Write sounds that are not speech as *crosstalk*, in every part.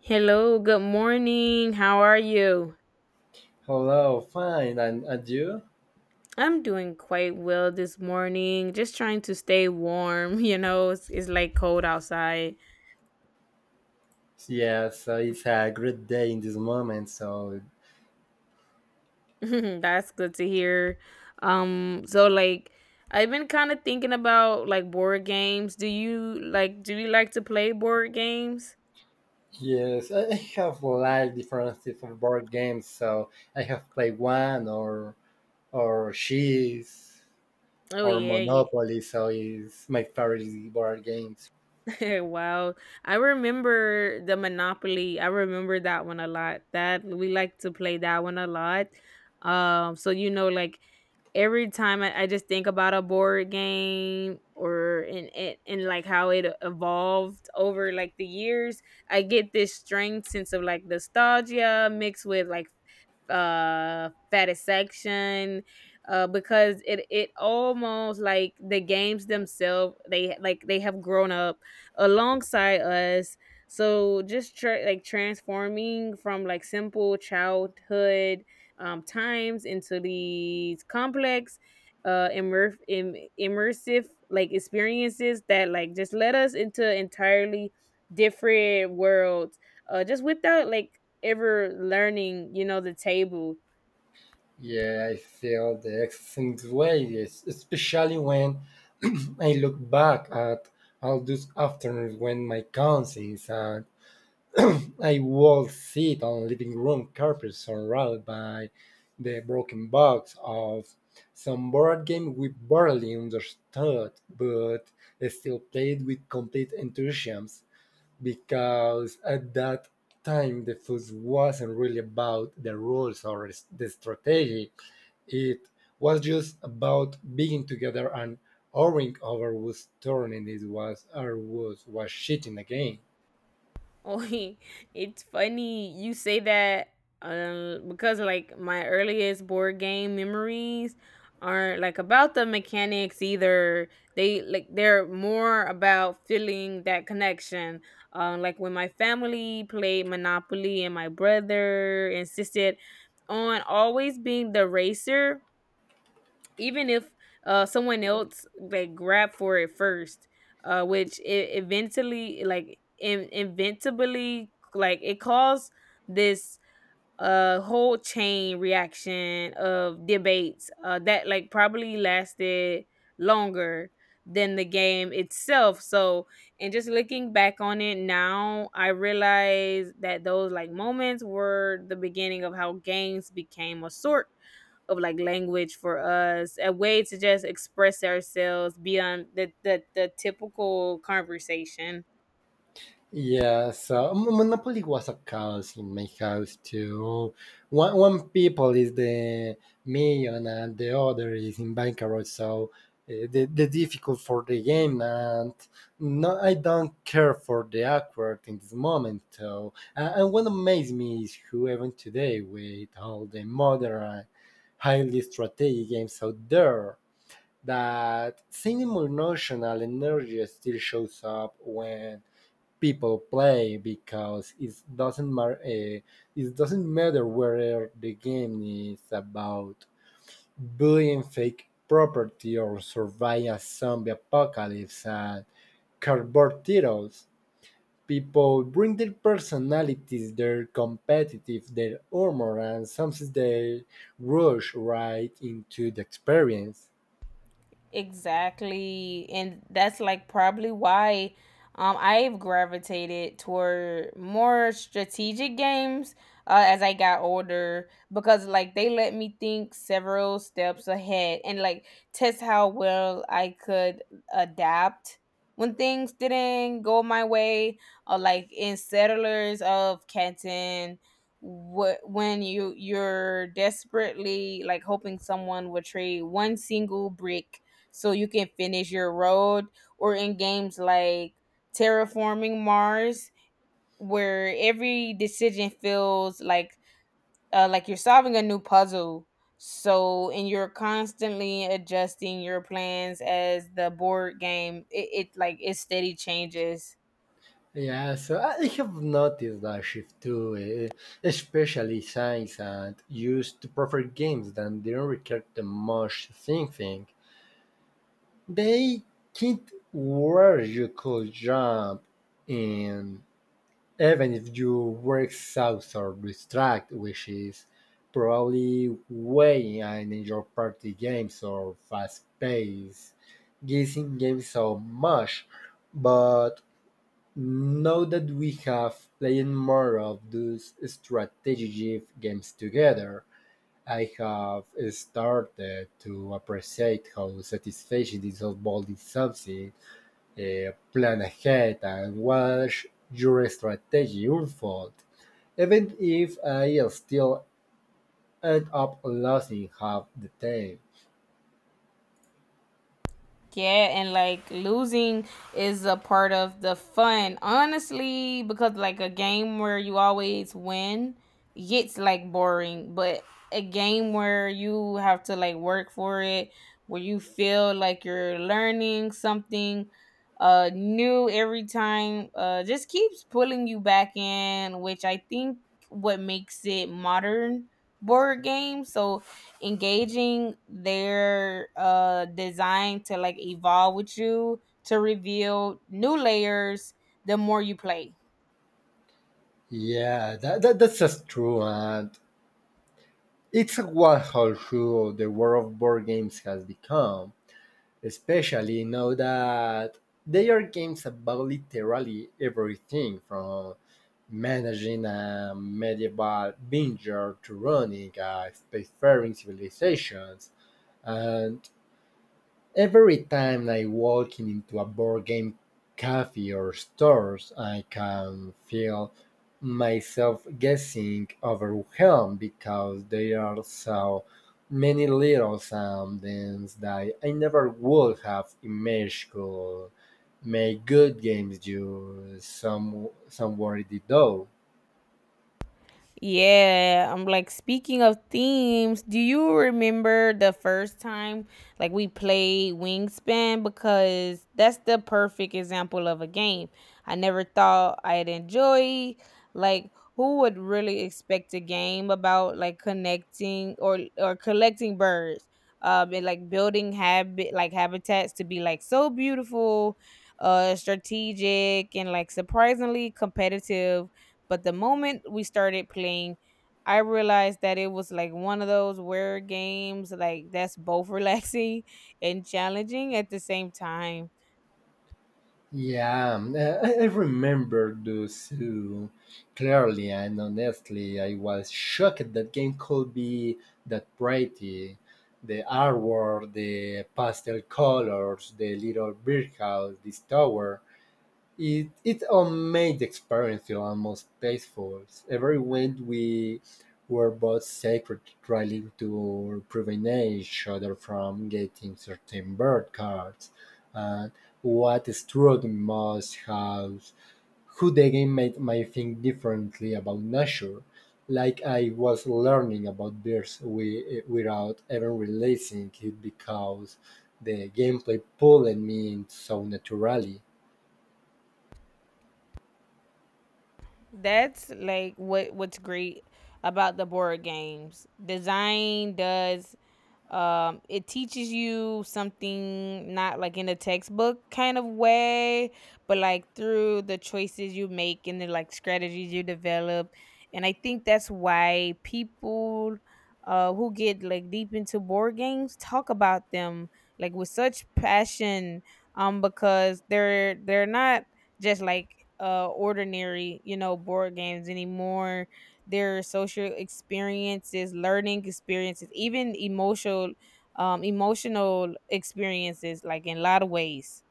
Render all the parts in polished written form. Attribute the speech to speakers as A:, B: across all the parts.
A: Hello, good morning. How are you?
B: Hello, fine, and you?
A: I'm doing quite well this morning. Just trying to stay warm, *laughs* it's like cold outside.
B: Yes, it's a great day in this moment. So
A: *laughs* That's good to hear. So like I've been kind of thinking about like board games. Do you like to play board games?
B: yes, I have like different types of board games. So I have played one or cheese
A: Oh
B: or
A: yeah, yeah.
B: Monopoly. So it's my favorite board games.
A: *laughs* Wow. I remember the Monopoly. I remember that one a lot. That we like to play that one a lot so like every time I just think about a board game or and like how it evolved over like the years, I get this strange sense of like nostalgia mixed with like satisfaction, because it almost like the games themselves they have grown up alongside us. So just like transforming from like simple childhood, times into these complex, immersive like experiences that like just led us into entirely different worlds, just without like ever learning, the table. *laughs*
B: Yeah, I feel the exact same way, yes, especially when *clears throat* I look back at all those afternoons when my cousins and *clears throat* I would sit on living room carpet surrounded by the broken box of some board game we barely understood but still played with complete enthusiasm because at that time the fuss wasn't really about the rules or the strategy. It was just about being together and worrying over whose turn it was or who was cheating the game.
A: Oh, it's funny you say that, because like my earliest board game memories aren't like about the mechanics either. They're more about feeling that connection. Like when my family played Monopoly and my brother insisted on always being the racer, even if someone else like grabbed for it first, which it eventually like inevitably, like it caused this, whole chain reaction of debates, that like probably lasted longer than the game itself. So and just looking back on it now I realize that those like moments were the beginning of how games became a sort of like language for us, a way to just express ourselves beyond the typical conversation.
B: Yeah, so Monopoly was a chaos in my house too. One people is the million and the other is in bankrupt, so the difficult for the game and no, I don't care for the awkward in this moment. So and what amazes me is who even today with all the modern, highly strategic games out there that same emotional energy still shows up when people play because it doesn't mar- it doesn't matter whether the game is about building fake property or survive a zombie apocalypse and cardboard titles. People bring their personalities, their competitive, their humor, and sometimes they rush right into the experience.
A: Exactly. And that's like probably why, I've gravitated toward more strategic games, as I got older because like they let me think several steps ahead and like test how well I could adapt when things didn't go my way, or like in Settlers of Canton what when you're desperately like hoping someone would trade one single brick so you can finish your road, or in games like Terraforming Mars where every decision feels like, like you're solving a new puzzle. So and you're constantly adjusting your plans as the board game, it steady changes.
B: Yeah, so I have noticed that shift too, eh, especially since and used to prefer games that didn't require the much thinking. They hint where you could jump in, even if you were exhausted or distracted, which is probably way in enjoy party games or fast-paced guessing games so much. But now that we have played more of those strategy games together, I have started to appreciate how satisfying it is building something, plan ahead, and watch your strategy unfold, even if I still end up losing half the time.
A: Yeah, and like losing is a part of the fun, honestly, because like a game where you always win gets like boring, but a game where you have to like work for it, where you feel like you're learning something, new every time, just keeps pulling you back in, which I think what makes it modern board game. So engaging their, design to like evolve with you, to reveal new layers the more you play.
B: Yeah, that's just true, and it's what how true the world of board games has become especially now that there are games about literally everything from managing a medieval vineyard to running a spacefaring civilizations, and every time I walk into a board game cafe or stores, I can feel myself guessing overwhelmed because there are so many little things that I never would have imagined could make good games do some somewhere in the dough.
A: Yeah, I'm like speaking of themes, do you remember the first time like we played Wingspan, because that's the perfect example of a game I never thought I'd enjoy. Like who would really expect a game about like connecting or collecting birds? And like building habit like habitats to be like so beautiful, strategic and like surprisingly competitive, but the moment we started playing, I realized that it was like one of those where games like that's both *laughs* relaxing and challenging at the same time.
B: Yeah, *laughs* I remember the zoo clearly, and honestly, I was shocked that game could be that pretty. The artwork, the pastel colors, the little birdhouse, this tower. It made the experience feel almost peaceful. Every wind we were both sacred, trying to prevent each other from getting certain bird cards. And what struck me most was who the game made me think differently about nature, like I was learning about birds without even realizing it because the gameplay pulled me in so naturally.
A: That's like what's great about the board games. Design does, it teaches you something not like in a textbook kind of way, but like through the choices you make and the like strategies you develop. And I think that's why people, who get like deep into board games, talk about them like with such passion, because they're not just like, ordinary, board games anymore. Their social experiences, learning experiences, even emotional, emotional experiences like in a lot of ways.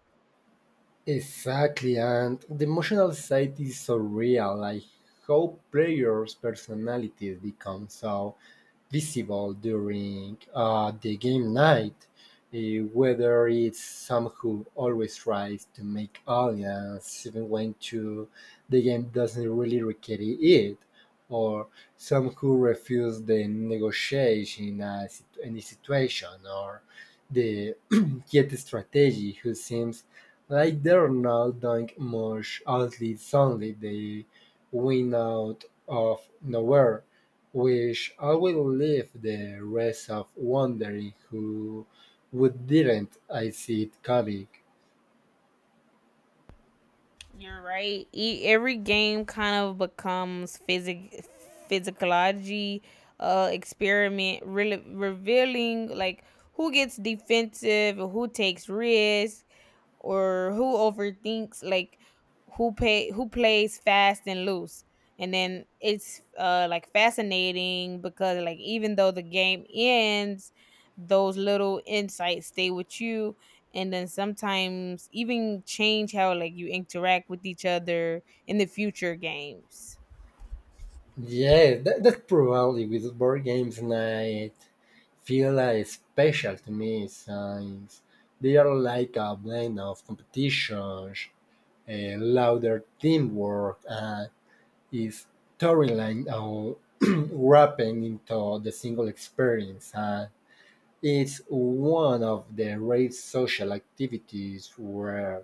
B: Exactly, and the emotional side is so real, like how players' personalities become so visible during the game night, eh, whether it's Sam who always tries to make audience even when to, the game doesn't really require it, or some who refuse the negotiation in a, any situation, or the *clears throat* yet strategy who seems like they're not doing much, at least suddenly they win out of nowhere. Which I will leave the rest of wondering who would didn't I see it coming.
A: You're right. Every game kind of becomes physicology, experiment, really revealing like who gets defensive, who takes risks, or who overthinks, like who plays fast and loose. And then it's, like fascinating because like even though the game ends, those little insights stay with you, and then sometimes even change how like you interact with each other in the future games.
B: Yeah, that probably with board games night feel like special to me since they are like a blend of competitions, a louder teamwork, and is storyline all *clears throat* wrapping into the single experience. And it's one of the rare social activities where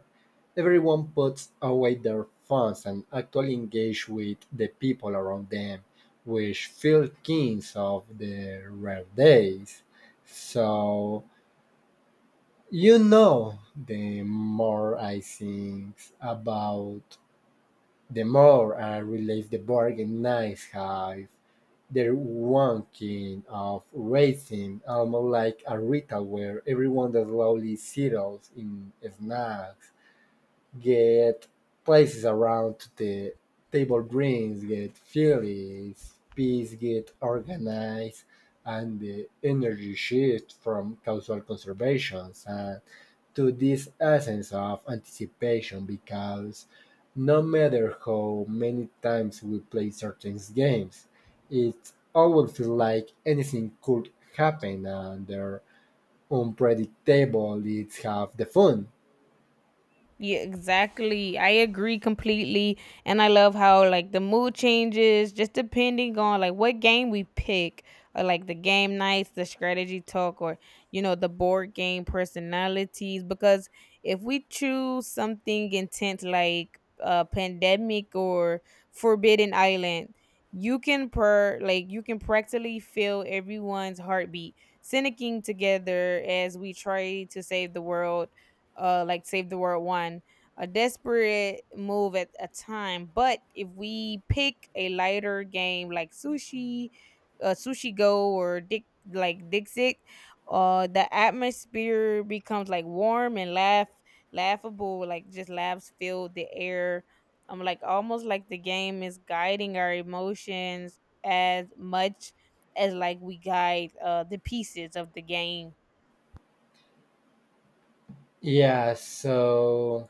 B: everyone puts away their phones and actually engage with the people around them, which feel kings of the rare days. So, you know, the more I think about the more I relive the bargain knives have their whacking of raisins, almost like a ritual where everyone that slowly settles in snacks, get places around the table drinks get filled, peace get organized, and the energy shifts from casual conservations and to this essence of anticipation because no matter how many times we play certain games, it always feels like anything could happen and their unpredictable it's half the fun.
A: Yeah, exactly. I agree completely. And I love how like the mood changes just depending on like what game we pick, or like the game nights, the strategy talk, or the board game personalities. Because if we choose something intense like, Pandemic or Forbidden Island, you can per like you can practically feel everyone's heartbeat syncing together as we try to save the world, like Save the World One, a desperate move at a time. But if we pick a lighter game like Sushi Go, or Dick like Dixit, the atmosphere becomes like warm and laughable. Like just laughs fill the air. I'm like almost like the game is guiding our emotions as much as like we guide, the pieces of the game.
B: Yeah, so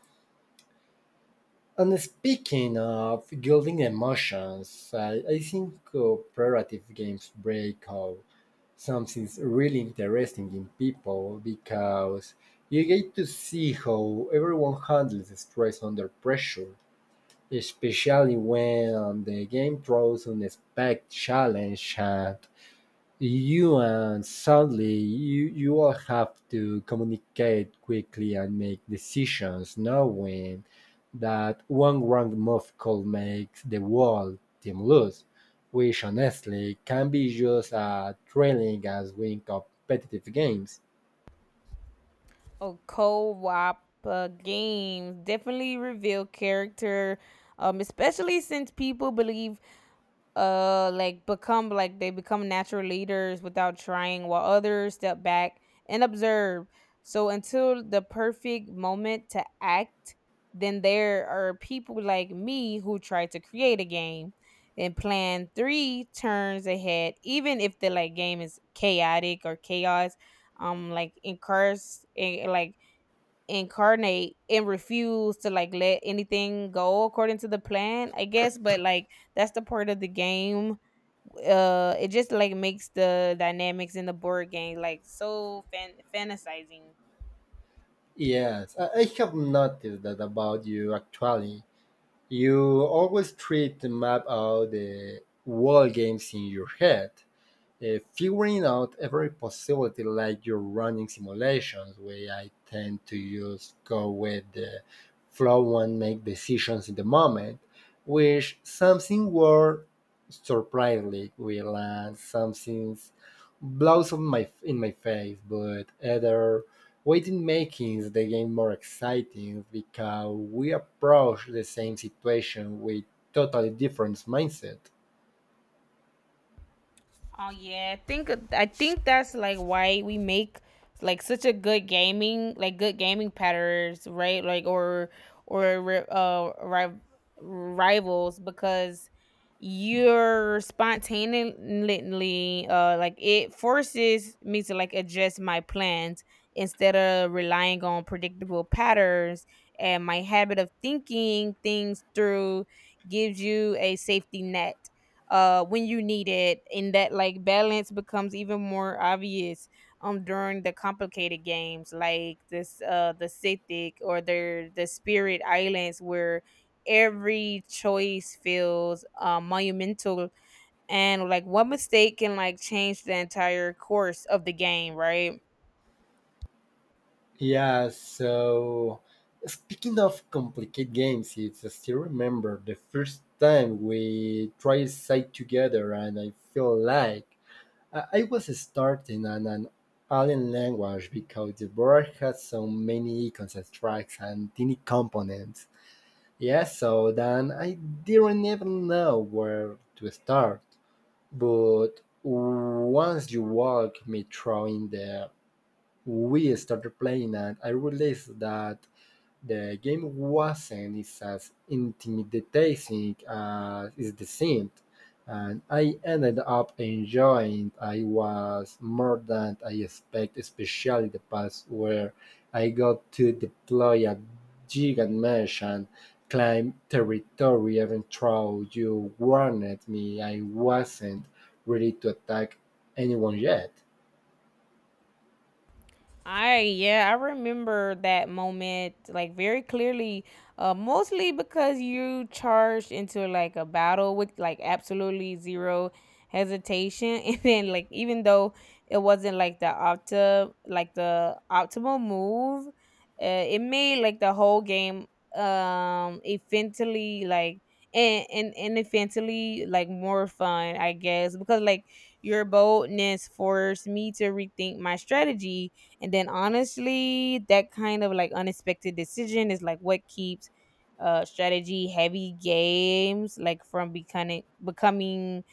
B: and speaking of building emotions, I think cooperative games break out something's really interesting in people because you get to see how everyone handles stress under pressure, especially when the game throws unexpected challenge and you and sadly, you all have to communicate quickly and make decisions, knowing that one wrong move could make the whole team lose, which honestly can be just as thrilling as winning competitive games.
A: Oh, co-op, games definitely reveal character, especially since people like become like they become natural leaders without trying, while others step back and observe. So until the perfect moment to act, then there are people like me who try to create a game and plan three turns ahead, even if the like game is chaotic or chaos. Like encourage, like incarnate and refuse to like let anything go according to the plan, I guess. But like that's the part of the game, it just like makes the dynamics in the board game like so fantasizing.
B: Yes, I have noticed that about you actually. You always try to map out the whole games in your head figuring out every possibility like you're running simulations where I tend to use go with the flow and make decisions in the moment, which something were surprisingly will and something blows on my in my face, but other waiting making the game more exciting because we approach the same situation with totally different mindset.
A: Oh yeah, I think that's like why we make like such a good gaming patterns, right? Like or rivals, because you're spontaneously, like it forces me to like adjust my plans instead of relying on predictable patterns, and my habit of thinking things through gives you a safety net, when you need it. And that like balance becomes even more obvious, during the complicated games like this, the Sithic, or the Spirit Islands, where every choice feels, monumental, and like one mistake can like change the entire course of the game, right?
B: Yeah, so speaking of complicated games, it's, I still remember the first time we tried side together, and I feel like I was starting on an alien language because the board had so many icons tracks and tiny components. Yeah, so then I didn't even know where to start. But once you walk me through in the we started playing and I realized that the game wasn't as intimidating as it seemed, and I ended up enjoying I was more than I expected, especially the parts where I got to deploy a gigant mesh and climb territory even though you warned me I wasn't ready to attack anyone yet.
A: I Yeah, I remember that moment like very clearly, mostly because you charged into like a battle with like absolutely zero hesitation, *laughs* and then like even though it wasn't like the optimal move, it made like the whole game, infinitely like and infinitely like more fun, I guess, because like your boldness forced me to rethink my strategy. And then honestly, that kind of like unexpected decision is like what keeps, strategy heavy games like from becoming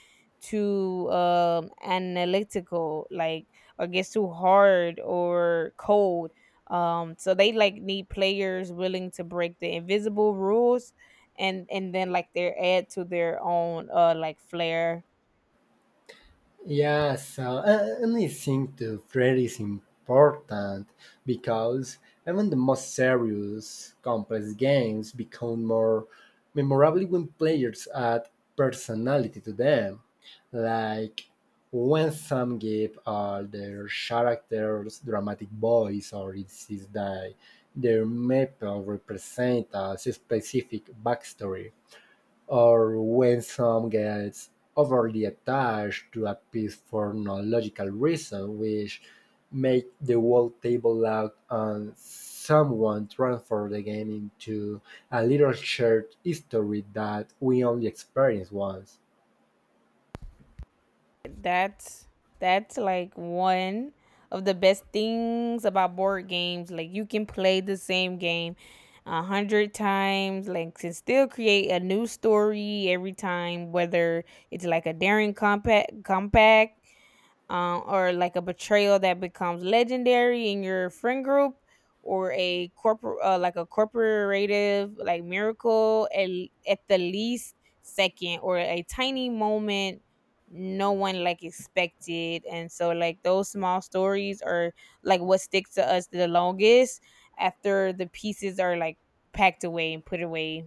A: too, analytical, like or gets too hard or cold, so they like need players willing to break the invisible rules, and then like they add to their own, like flair.
B: Yeah, so and I think the thread is important because even the most serious, complex games become more memorable when players add personality to them. Like when some give all their characters dramatic voice, or it is that their map represent a specific backstory or when some gets overly attached to a piece for no logical reason, which make the whole table loud and someone transform the game into a little shared history that we only experience once.
A: That's that's like one of the best things about board games. Like you can play the same game 100 times, like can still create a new story every time, whether it's like a daring compact, or like a betrayal that becomes legendary in your friend group, or a corporate, like a corporative like miracle at the least second, or a tiny moment no one like expected. And so like those small stories are like what sticks to us the longest, after the pieces are like packed away and put away.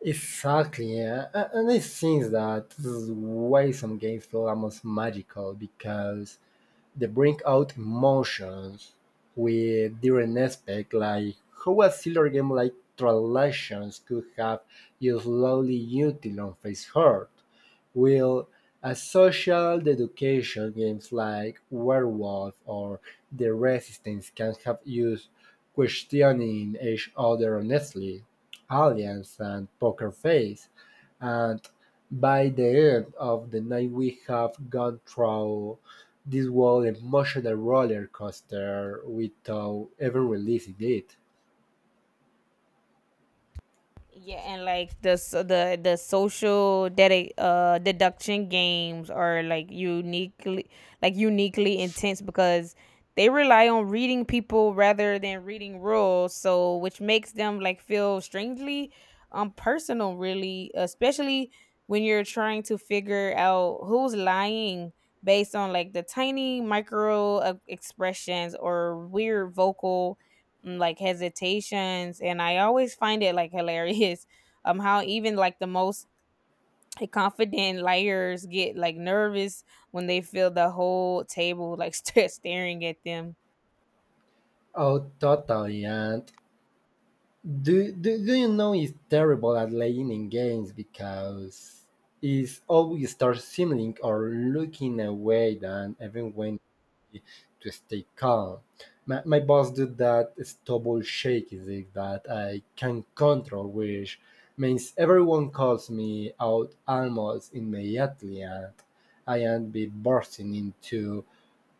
B: Exactly, yeah. And I think that's why some games feel almost magical because they bring out emotions with different aspects, like how a silver game like transactions could have used slowly until on face hurt. Will a social deduction games like Werewolf or The Resistance can have used questioning each other honestly, aliens and poker face, and by the end of the night we have gone through this whole emotional roller coaster without ever releasing it.
A: Yeah, and like the social deduction games are like uniquely intense, because they rely on reading people rather than reading rules, so which makes them like feel strangely, personal really, especially when you're trying to figure out who's lying based on like the tiny micro, expressions, or weird vocal, like hesitations. And I always find it like *laughs* hilarious, how even like the most confident liars get like nervous when they feel the whole table like *laughs* staring at them.
B: Oh, totally, and do you know it's terrible at laying in games because it's always start simmering or looking away than everyone to stay calm. My boss do that stubble shake is it that I can control, which means everyone calls me out almost immediately and I am be bursting into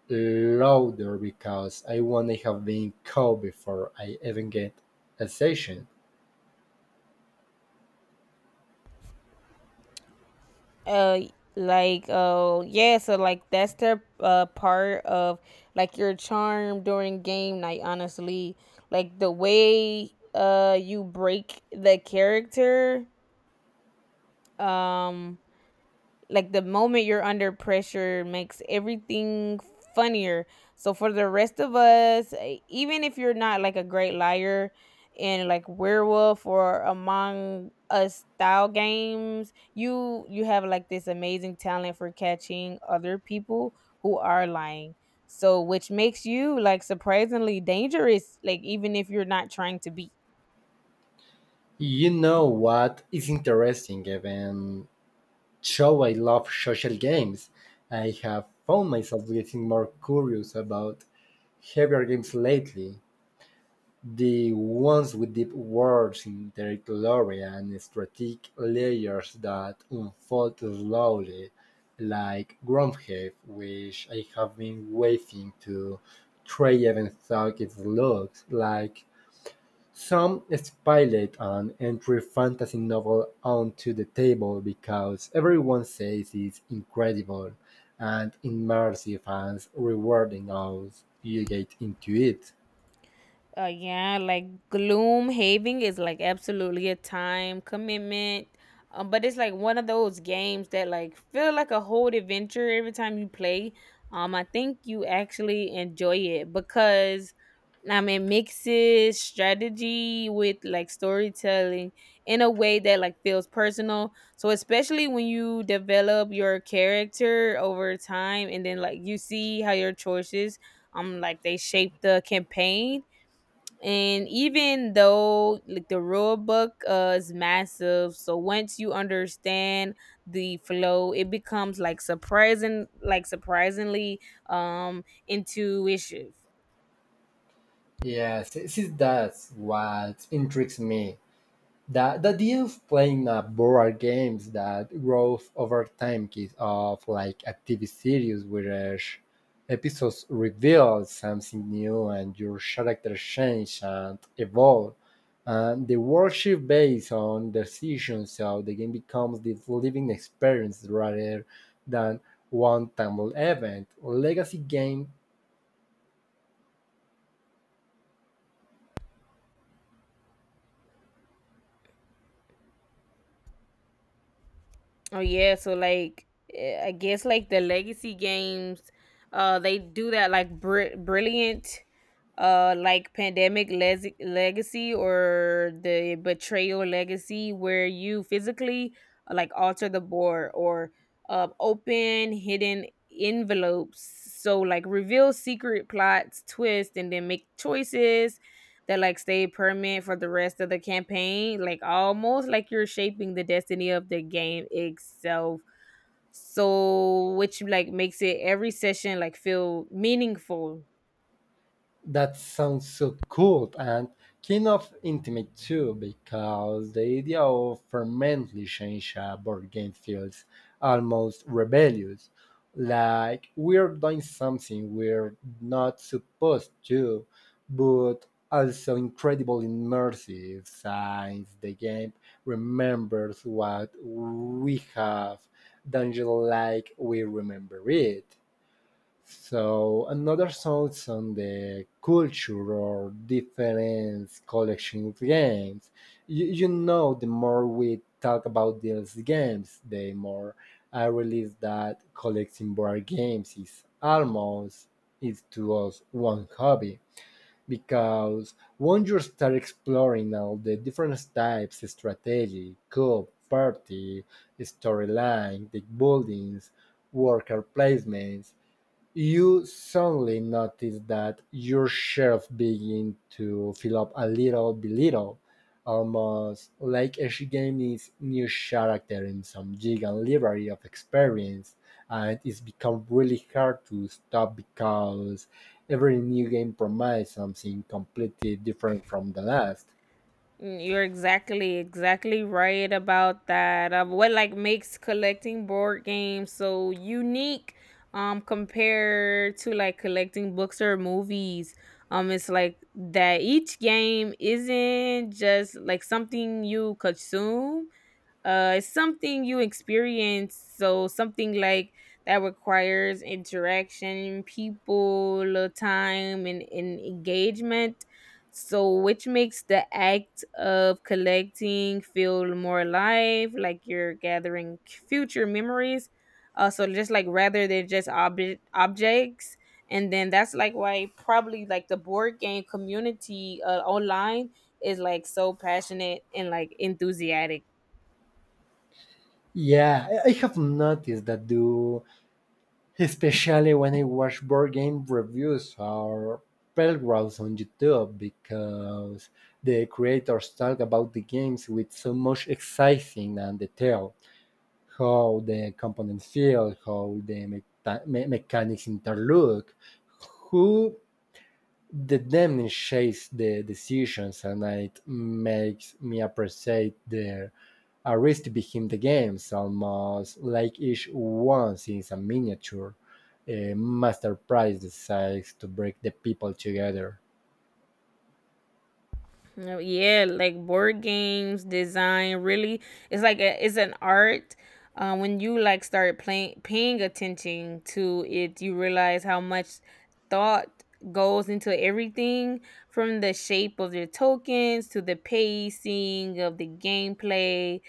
B: louder because I want to have been called before I even get a session.
A: uh like oh yeah, so like that's their, part of like your charm during game night, honestly. Like the way, you break the character, um like the moment you're under pressure makes everything funnier. So for the rest of us, even if you're not like a great liar in like Werewolf or Among Us style games, you have like this amazing talent for catching other people who are lying. So which makes you like surprisingly dangerous, like even if you're not trying to be.
B: You know what is interesting, even though I love social games, I have found myself getting more curious about heavier games lately. The ones with deep worlds in their glory and strategic layers that unfold slowly, like Gromhead, which I have been waiting to try even though it looks like some spilled an entire fantasy novel onto the table because everyone says it's incredible and immersive and rewarding as you get into it.
A: Yeah, like gloom having is like absolutely a time commitment. But it's like one of those games that like feel like a whole adventure every time you play. I think you actually enjoy it because I mean it mixes strategy with like storytelling in a way that like feels personal. So especially when you develop your character over time and then like you see how your choices like they shape the campaign. And even though like the rule book is massive, so once you understand the flow it becomes like surprising, like surprisingly intuitive.
B: Yes, this is that's what intrigues me. The idea of playing a board games that grows over time is of like a TV series where each episodes reveal something new and your character change and evolve. And the world shift based on decisions, so the game becomes this living experience rather than one time event. Legacy game
A: Oh yeah, so like I guess like the legacy games they do that like brilliant. Uh, like pandemic legacy or the betrayal legacy where you physically like alter the board or open hidden envelopes, so like reveal secret plots twist and then make choices that like stay permanent for the rest of the campaign, like almost like you're shaping the destiny of the game itself. So which like makes it every session like feel meaningful.
B: that sounds so cool and kind of intimate too, because the idea of permanently change a board game feels almost rebellious. Like we're doing something we're not supposed to, but also incredibly immersive since the game remembers what we have done just like we remember it. So another songs on the culture or different collection games. You know, the more we talk about these games, the more I realize that collecting board games is almost is to us one hobby because once you start exploring all the different types, strategy, code, party, storyline, deck buildings, worker placements, you suddenly notice that your shelf begin to fill up a little by little, almost like each game is new character in some giant library of experience, and it's become really hard to stop because every new game promises something completely different from the last.
A: Mm, you're exactly right about that. Of what like makes collecting board games so unique compared to like collecting books or movies. It's like that each game isn't just like something you consume, it's something you experience, so something like that requires interaction, people, time, and engagement. So, which makes the act of collecting feel more alive, like you're gathering future memories. So just like rather than just objects. And then that's like why probably like the board game community online is like so passionate and like enthusiastic.
B: Yeah, I have noticed that do, especially when I watch board game reviews or playthroughs on YouTube, because the creators talk about the games with so much exciting and detail, how the components feel, how the mechanics interlock, who the demon shapes the decisions, and it makes me appreciate the artist behind the games, almost like each one is a miniature, a masterpiece decides to bring the people together.
A: No, yeah, like board games, design, really, it's like it's an art. When you like start playing, paying attention to it, you realize how much thought goes into everything, from the shape of the tokens to the pacing of the gameplay,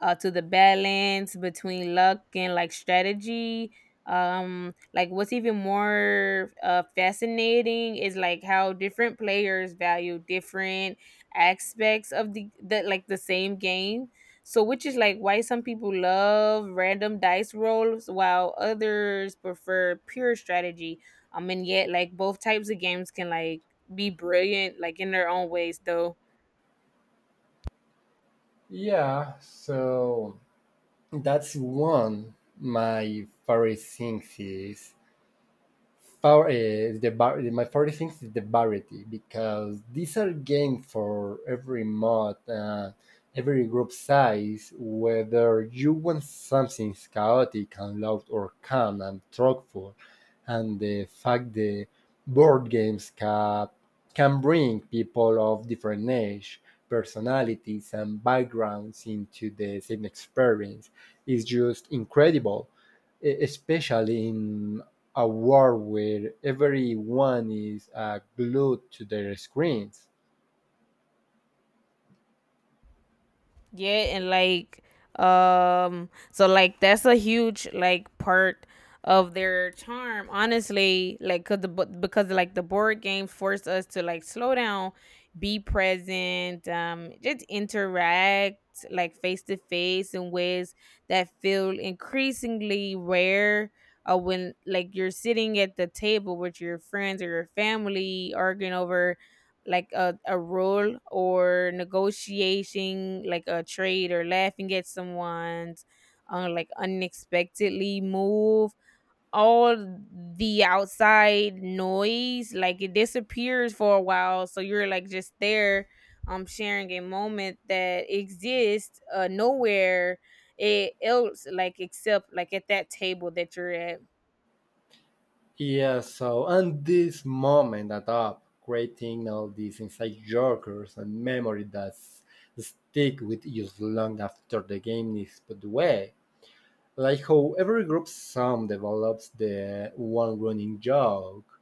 A: to the balance between luck and like strategy. Like what's even more fascinating is like how different players value different aspects of the like the same game. So which is like why some people love random dice rolls while others prefer pure strategy. Um, and yet like both types of games can like be brilliant like in their own ways though.
B: Yeah, so that's one, my favorite thing is Power, the my favorite thing is the variety, because these are games for every mod, every group size. Whether you want something chaotic and loud, or calm and thoughtful, and the fact the board games can bring people of different age, personalities, and backgrounds into the same experience is just incredible, especially in a world where everyone is glued to their screens.
A: Yeah, and like so like that's a huge like part of their charm, honestly, like cuz because like the board games force us to like slow down, be present, just interact like face to face in ways that feel increasingly rare. Uh, when like you're sitting at the table with your friends or your family arguing over like a rule or negotiating like a trade or laughing at someone's like unexpectedly move, all the outside noise like it disappears for a while, so you're like just there sharing a moment that exists nowhere else, like except like at that table that you're at.
B: Yeah, so and this moment that up creating all these inside jokers and memory that stick with you long after the game is put away. Like how every group song develops the one running joke,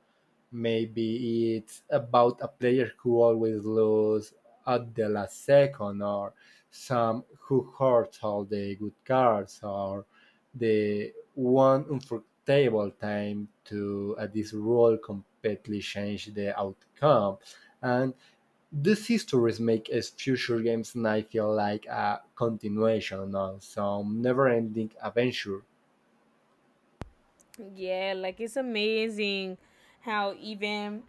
B: maybe it's about a player who always loses at the last second, or some who hurts all the good cards, or the one unforgettable time to at this role completely change the outcome, and these histories make us future games, and I feel like a continuation of some never-ending adventure.
A: Yeah, like it's amazing how even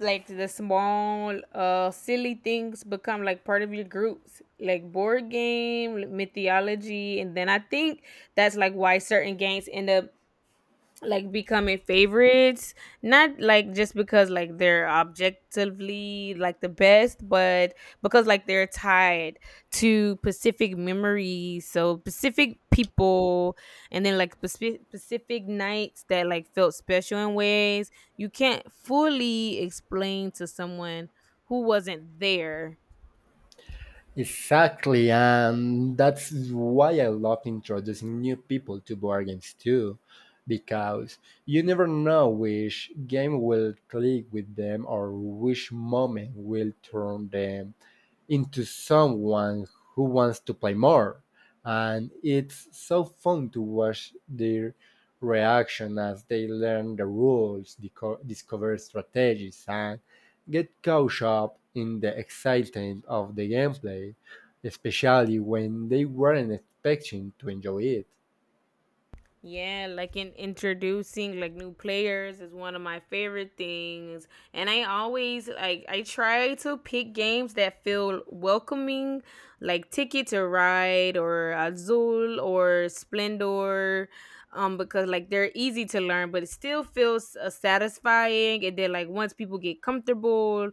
A: like the small silly things become like part of your groups like board game mythology. And then I think that's like why certain games end up like becoming favorites, not like just because like they're objectively like the best, but because like they're tied to pacific memories, so pacific people and then like pacific nights that like felt special in ways you can't fully explain to someone who wasn't there.
B: Exactly, and that's why I love introducing new people to board games too, because you never know which game will click with them, or which moment will turn them into someone who wants to play more. And it's so fun to watch their reaction as they learn the rules, discover strategies, and get caught up in the excitement of the gameplay, especially when they weren't expecting to enjoy it.
A: Yeah, like in introducing like new players is one of my favorite things. And I always like I try to pick games that feel welcoming, like Ticket to Ride or Azul or Splendor, because like they're easy to learn, but it still feels satisfying. And then like once people get comfortable,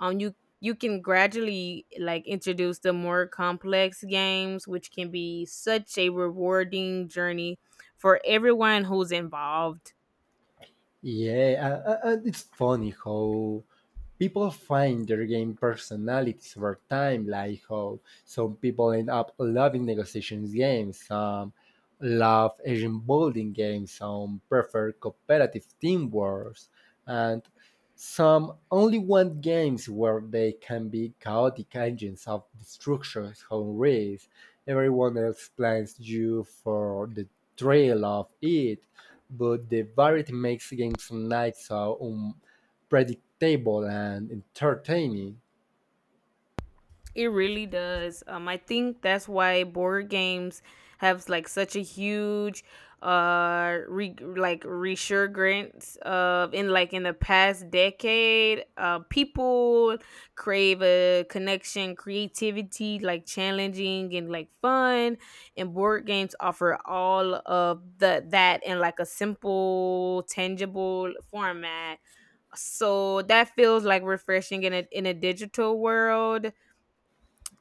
A: um you you can gradually like introduce the more complex games, which can be such a rewarding journey for everyone who's involved.
B: Yeah, it's funny how people find their game personalities over time, like how some people end up loving negotiations games, some love engine building games, some prefer cooperative teamwork, and some only want games where they can be chaotic engines of destruction, home race. Everyone else plans you for the trail of it, but the variety makes games night so predictable and entertaining.
A: It really does. I think that's why board games have like such a huge like resurgence of in like in the past decade. Uh, people crave a connection, creativity, like challenging and like fun, and board games offer all of the that in like a simple tangible format, so that feels like refreshing in a digital world.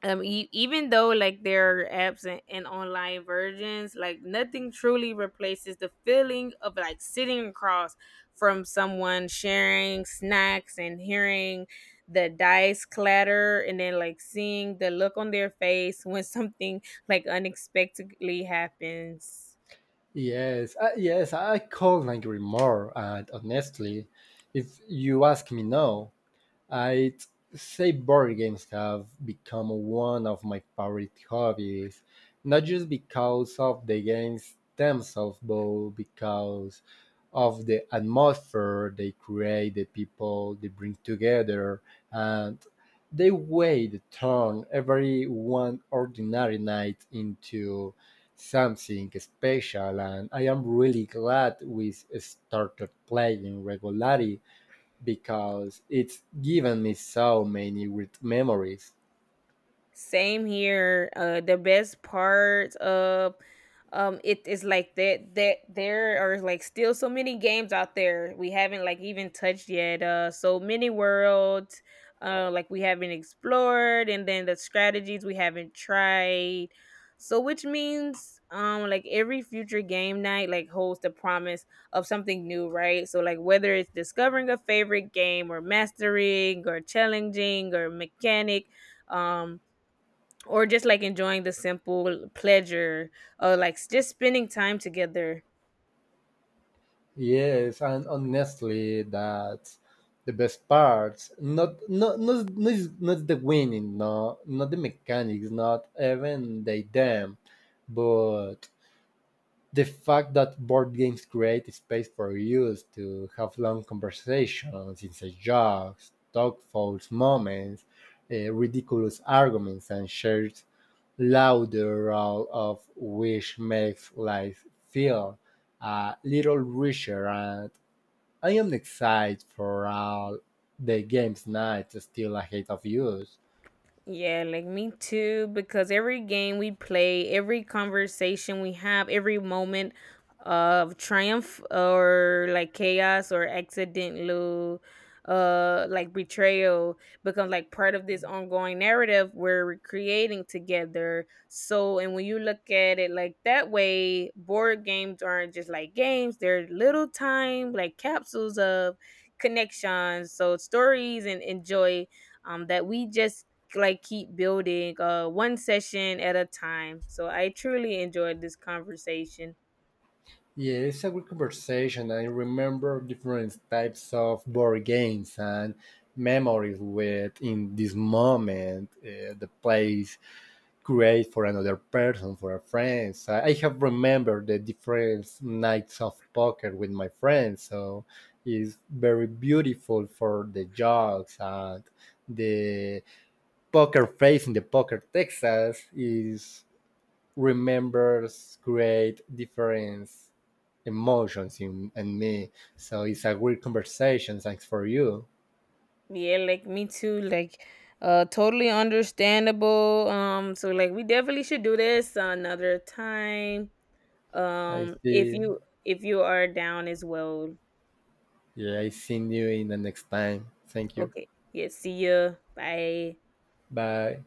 A: Even though like there are apps and online versions, like nothing truly replaces the feeling of like sitting across from someone, sharing snacks and hearing the dice clatter and then like seeing the look on their face when *laughs* something like unexpectedly happens.
B: Yes, yes, I call Angry more, and honestly, if you ask me now, I'd say board games have become one of my favorite hobbies, not just because of the games themselves, but because of the atmosphere they create, the people they bring together, and the way they turn every one ordinary night into something special. And I am really glad we started playing regularly because it's given me so many great memories.
A: Same here. The best part of it is like that there are like still so many games out there we haven't like even touched yet. So many worlds. Like we haven't explored, and then the strategies we haven't tried. So which means like every future game night like holds the promise of something new, right? So like whether it's discovering a favorite game or mastering or challenging or mechanic, um or just like enjoying the simple pleasure of like just spending time together.
B: Yes, and honestly, that's the best parts. Not the winning, no, not the mechanics, not even the them, but the fact that board games create space for us to have long conversations, inside jokes, thoughtful moments, ridiculous arguments, and shared Lauderdale of which makes life feel a little richer, and I am excited for all the games night still ahead of us.
A: Yeah, like me too, because every game we play, every conversation we have, every moment of triumph or like chaos or accidental like betrayal becomes like part of this ongoing narrative we're creating together. So and when you look at it like that way, board games aren't just like games, they're little time like capsules of connections, so stories and joy, that we just like keep building one session at a time. So I truly enjoyed this conversation.
B: Yeah, it's a good conversation. I remember different types of board games and memories with in this moment, the place create for another person, for a friend. So I have remembered the different nights of poker with my friends, so it's very beautiful for the jokes and the poker face in the poker Texas is remembers create different emotions in, and me. So it's a great conversation. Thanks for you.
A: Yeah, like me too, like totally understandable. So like we definitely should do this another time,
B: I
A: if
B: see.
A: you, if you are down as well.
B: Yeah, I see you in the next time. Thank you.
A: Okay, yeah, see ya, bye.
B: Bye.